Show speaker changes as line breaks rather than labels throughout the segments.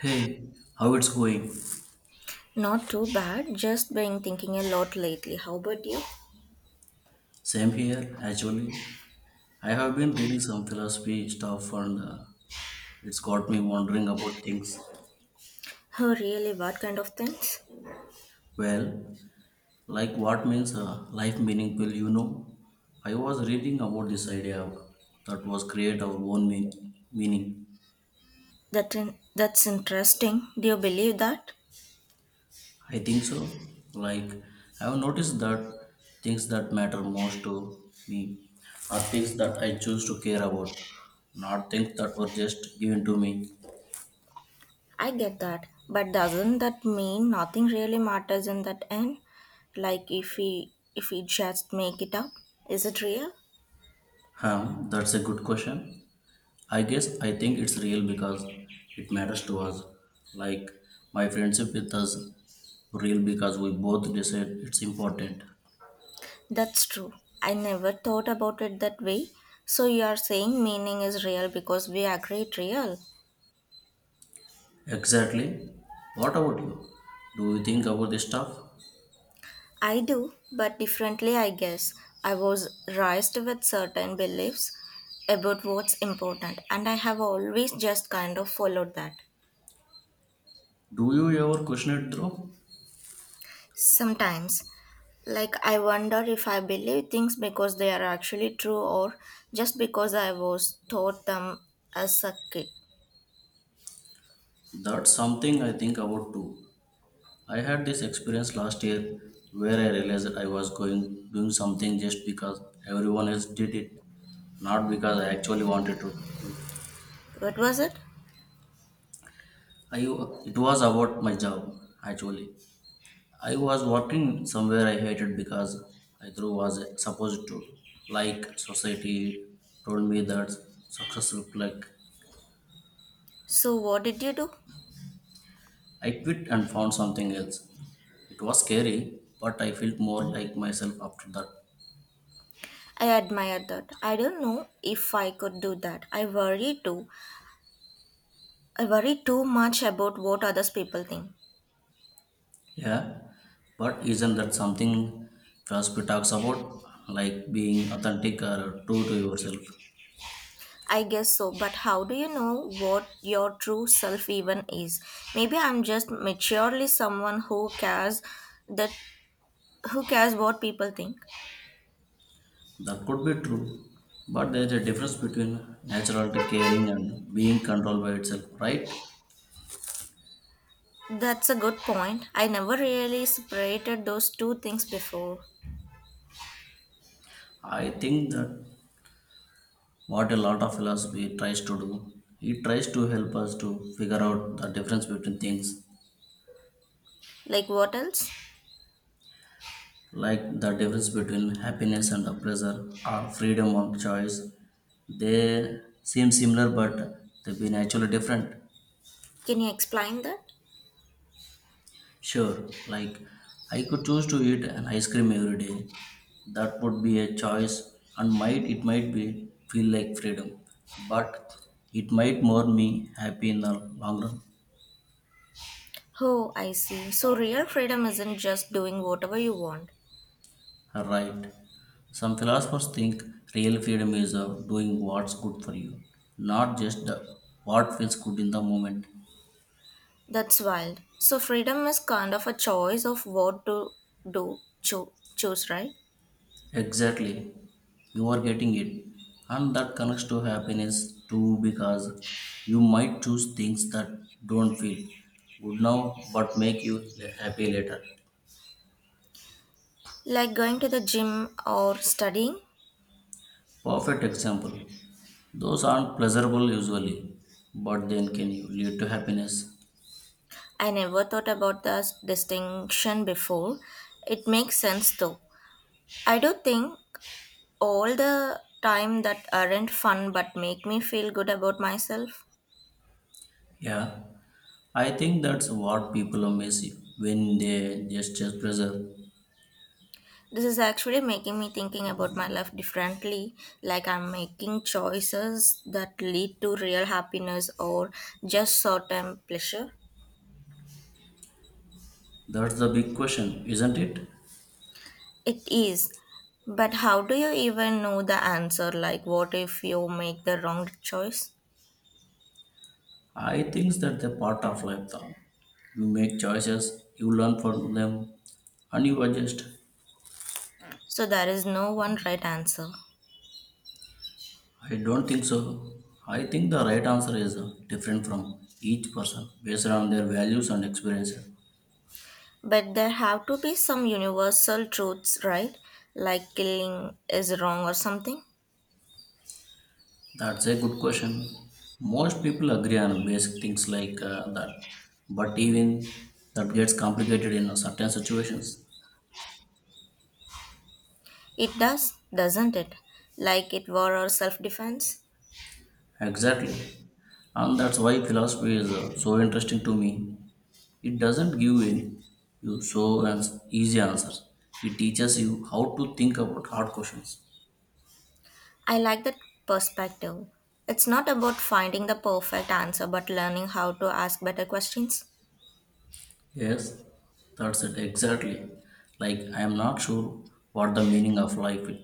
Hey, how it's going?
Not too bad, just been thinking a lot lately. How about you?
Same here, actually. I have been reading some philosophy stuff and it's got me wondering about things.
Oh, really? What kind of things?
Well, like what means life meaningful, you know? I was reading about this idea that was create our own meaning.
That's interesting. Do you believe that?
I think so. Like, I have noticed that things that matter most to me are things that I choose to care about, not things that were just given to me.
I get that, but doesn't that mean nothing really matters in that end? Like if we just make it up, is it real?
That's a good question. I guess I think it's real because it matters to us. Like my friendship with us real because we both decide it's important.
That's true. I never thought about it that way. So you are saying meaning is real because we agree it real.
Exactly. What about you? Do you think about this stuff?
I do, but differently, I guess. I was raised with certain beliefs about what's important, and I have always just kind of followed that.
Do you ever question it though?
Sometimes, like, I wonder if I believe things because they are actually true or just because I was taught them as a kid.
That's something I think about too. I had this experience last year where I realized I was going doing something just because everyone else did it, not because I actually wanted to.
What was it?
I It was about my job actually. I was working somewhere I hated because I threw was supposed to. Like society told me that success looked like.
So, what did you do?
I quit and found something else. It was scary, but I felt more like myself after that.
I admire that. I don't know if I could do that. I worry too. I worry too much about what others people think.
Yeah, but isn't that something philosophy talks about, like being authentic or true to yourself?
I guess so, but how do you know what your true self even is? Maybe I'm just maturely someone who cares that who cares what people think.
That could be true, but there is a difference between natural caring and being controlled by itself, right?
That's a good point. I never really separated those two things before.
I think that what a lot of philosophy tries to do, it tries to help us to figure out the difference between things,
Like what else?
like the difference between happiness and pleasure, or freedom of choice. They seem similar, but they be naturally different.
Can you explain that?
Sure, like I could choose to eat an ice cream every day. That would be a choice and might be feel like freedom, but it might more me happy in the long run.
Oh, I see. So real freedom isn't just doing whatever you want.
Right. Some philosophers think real freedom is of doing what's good for you, not just the, what feels good in the moment.
That's wild. So freedom is kind of a choice of what to do, choose, right?
Exactly. You are getting it. And that connects to happiness too because you might choose things that don't feel good now but make you happy later.
Like going to the gym or studying?
Perfect example. Those aren't pleasurable usually, but then can you lead to happiness?
I never thought about the distinction before. It makes sense though. I do think all the time that aren't fun but make me feel good about myself.
Yeah. I think that's what people miss when they just chase pleasure.
This is actually making me thinking about my life differently, like I'm making choices that lead to real happiness or just short-term pleasure.
That's the big question, isn't it?
It is. But how do you even know the answer? Like, what if you make the wrong choice?
I think that's a part of life though. You make choices, you learn from them, and you adjust.
So there is no one right answer.
I don't think so. I think the right answer is different from each person based on their values and experiences.
But there have to be some universal truths, right? Like killing is wrong or something.
That's a good question. Most people agree on basic things like that, but even that gets complicated in certain situations.
It does, doesn't it? Like it war or self defense.
Exactly. And that's why philosophy is so interesting to me. It doesn't give in you so easy answers. It teaches you how to think about hard questions.
I like that perspective. It's not about finding the perfect answer, but learning how to ask better questions.
Yes, that's it exactly. Like I am not sure what the meaning of life is,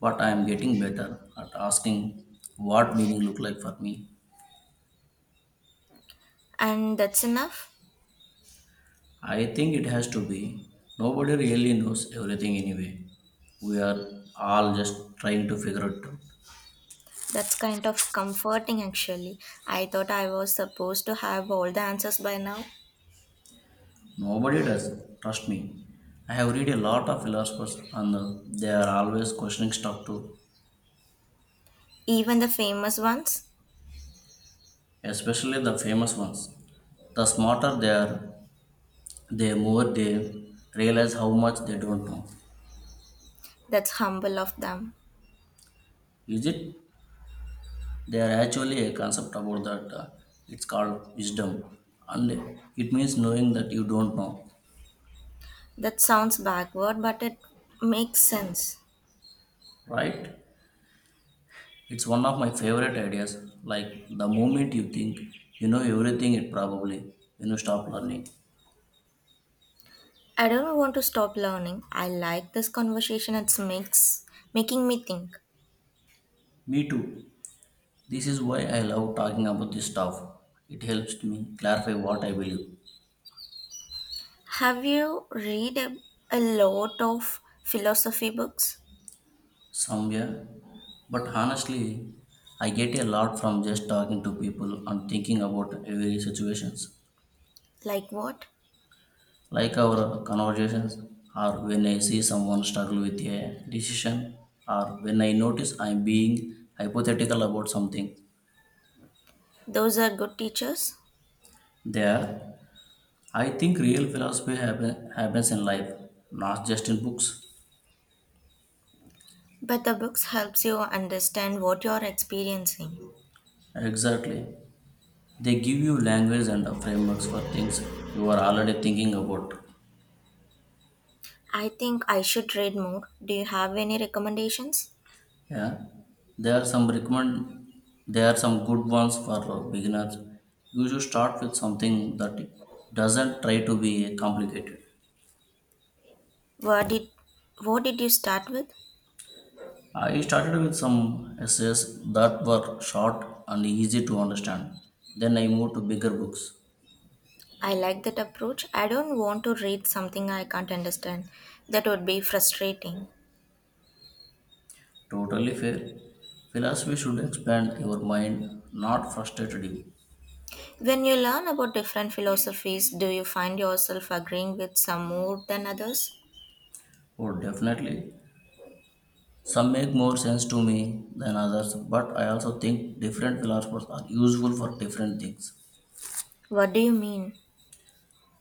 but I am getting better at asking what meaning look like for me.
And that's enough.
I think it has to be. Nobody really knows everything anyway. We are all just trying to figure it out.
That's kind of comforting actually. I thought I was supposed to have all the answers by now,
Nobody does, trust me. I have read a lot of philosophers and they are always questioning stuff too,
even the famous ones.
especially the famous ones. The smarter they are, the more they realize how much they don't know.
That's humble of them.
Is it? There actually a concept about that. It's called wisdom, and it means knowing that you don't know,
That sounds backward, but it makes sense.
right? It's one of my favorite ideas. Like the moment you think you know everything, it probably you stop learning.
I don't want to stop learning. I like this conversation. It's makes making me think.
Me too. This is why I love talking about this stuff. It helps me clarify what I believe
Have you read a lot of philosophy books?
somewhere. But honestly, I get a lot from just talking to people and thinking about every situations.
Like what?
Like our conversations or when I see someone struggle with a decision or when I notice I'm being hypothetical about something.
Those are good teachers,
There, I think real philosophy happens in life, not just in books.
but the books helps you understand what you're experiencing.
Exactly. They give you language and frameworks for things you are already thinking about.
I think I should read more. Do you have any recommendations?
Yeah, there are some recommend. There are some good ones for beginners. You should start with something that doesn't try to be complicated.
What did what did you start with?
I started with some essays that were short and easy to understand. Then I moved to bigger books.
I like that approach. I don't want to read something I can't understand. That would be frustrating.
Totally fair. Philosophy should expand your mind, not frustrate you.
When you learn about different philosophies, do you find yourself agreeing with some more than others?
Oh, definitely. Some make more sense to me than others, but I also think different philosophers are useful for different things.
What do you mean?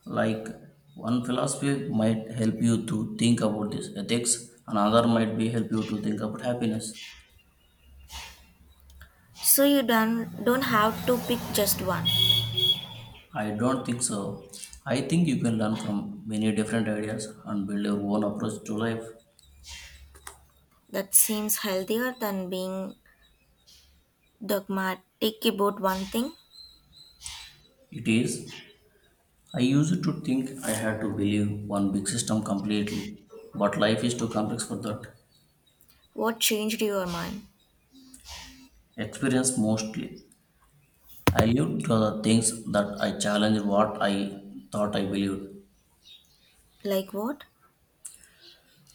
Like one philosophy might help you to think about this ethics, another might be help you to think about happiness.
So you don't have to pick just one.
I don't think so. I think you can learn from many different ideas and build your own approach to life.
That seems healthier than being dogmatic about one thing.
It is. I used to think I had to believe one big system completely, but life is too complex for that.
What changed your mind?
Experience mostly. I lived to the things that I challenged what I thought I believed,
Like what?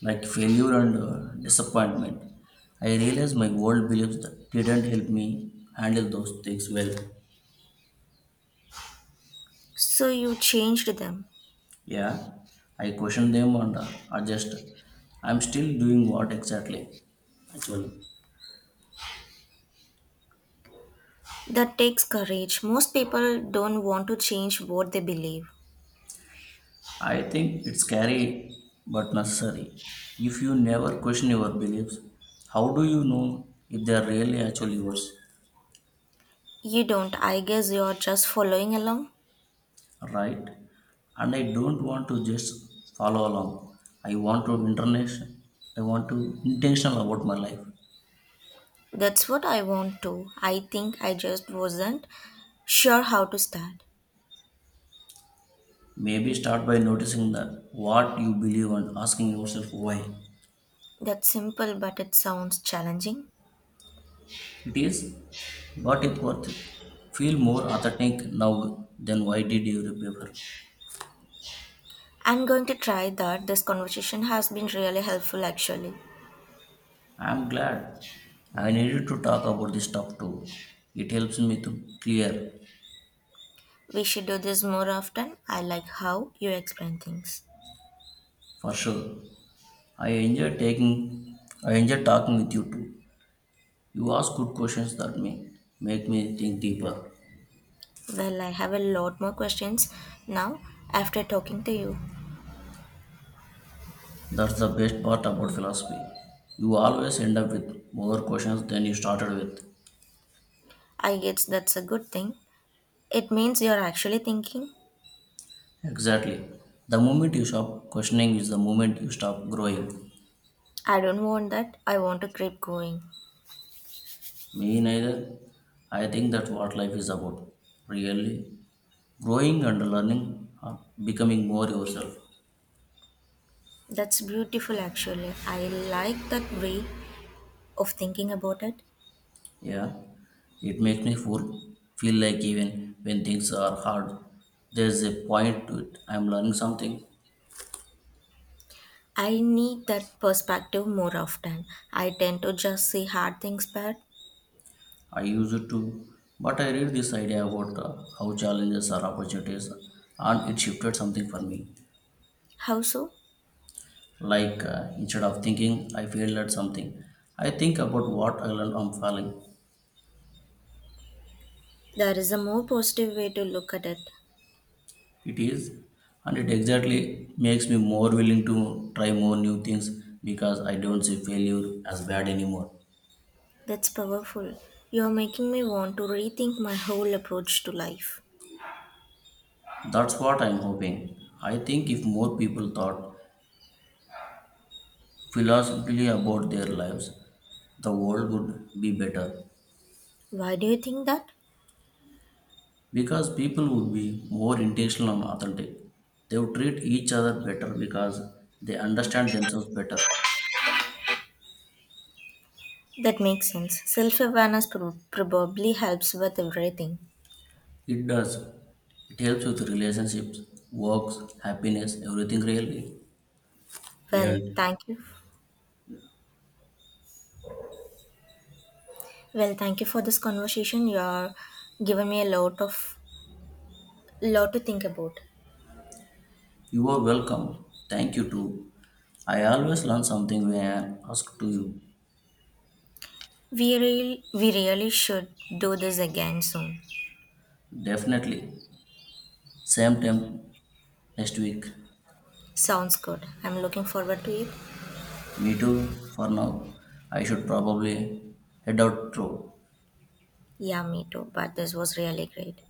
like failure and disappointment. I realized my old beliefs that didn't help me handle those things well.
So you changed them.
Yeah, I questioned them and adjust. I'm still doing what exactly? Actually,
That takes courage. Most people don't want to change what they believe.
I think it's scary but necessary. If you never question your beliefs, how do you know if they are really actually yours?
You don't. I guess you're just following along.
Right? And I don't want to just follow along. I want to internation. I want to intentional about my life.
That's what I want to. I think I just wasn't sure how to start.
Maybe start by noticing that what you believe and asking yourself why
That's simple, but it sounds challenging.
it is, but it worth it. Feel more authentic now than why did you remember?
I'm going to try that. This conversation has been really helpful, actually.
I am glad I needed to talk about this stuff too. It helps me to clear
We should do this more often. I like how you explain things.
for sure. I enjoy talking with you too. You ask good questions that me make me think deeper.
Well, I have a lot more questions now after talking to you.
That's the best part about philosophy. You always end up with more questions than you started with.
I guess that's a good thing. It means you're actually thinking.
Exactly. The moment you stop questioning is the moment you stop growing.
I don't want that. I want to keep going.
Me neither. I think that's what life is about. Really. Growing and learning are becoming more yourself.
That's beautiful, actually. I like that way of thinking about it.
Yeah. It makes me feel like even when things are hard, there's a point to it. I'm learning something.
I need that perspective more often. I tend to just see hard things bad.
I used to, but I read this idea about how challenges are opportunities, and it shifted something for me.
How so?
Like instead of thinking I failed at something, I think about what I learned from failing.
There is a more positive way to look at it.
It is, and it exactly makes me more willing to try more new things because I don't see failure as bad anymore.
That's powerful. You're making me want to rethink my whole approach to life.
That's what I'm hoping. I think if more people thought philosophically about their lives, the world would be better.
Why do you think that?
Because people would be more intentional and authentic. They would treat each other better because they understand themselves better.
That makes sense. Self awareness probably helps with everything.
It does. It helps with relationships, works, happiness, everything really.
Well,
Really.
thank you. Well, thank you for this conversation. You are giving me a lot of Lot to think about.
You are welcome. Thank you too. I always learn something when I ask to you.
We really should do this again soon.
Definitely. Same time next week.
Sounds good. I'm looking forward to it.
Me too for now. I should probably head out through.
Yeah, me too. But this was really great.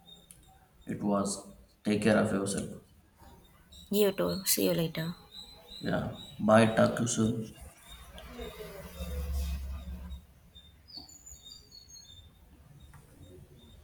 It was. Take care of yourself.
You too. See you later.
Yeah. Bye. Talk to you soon.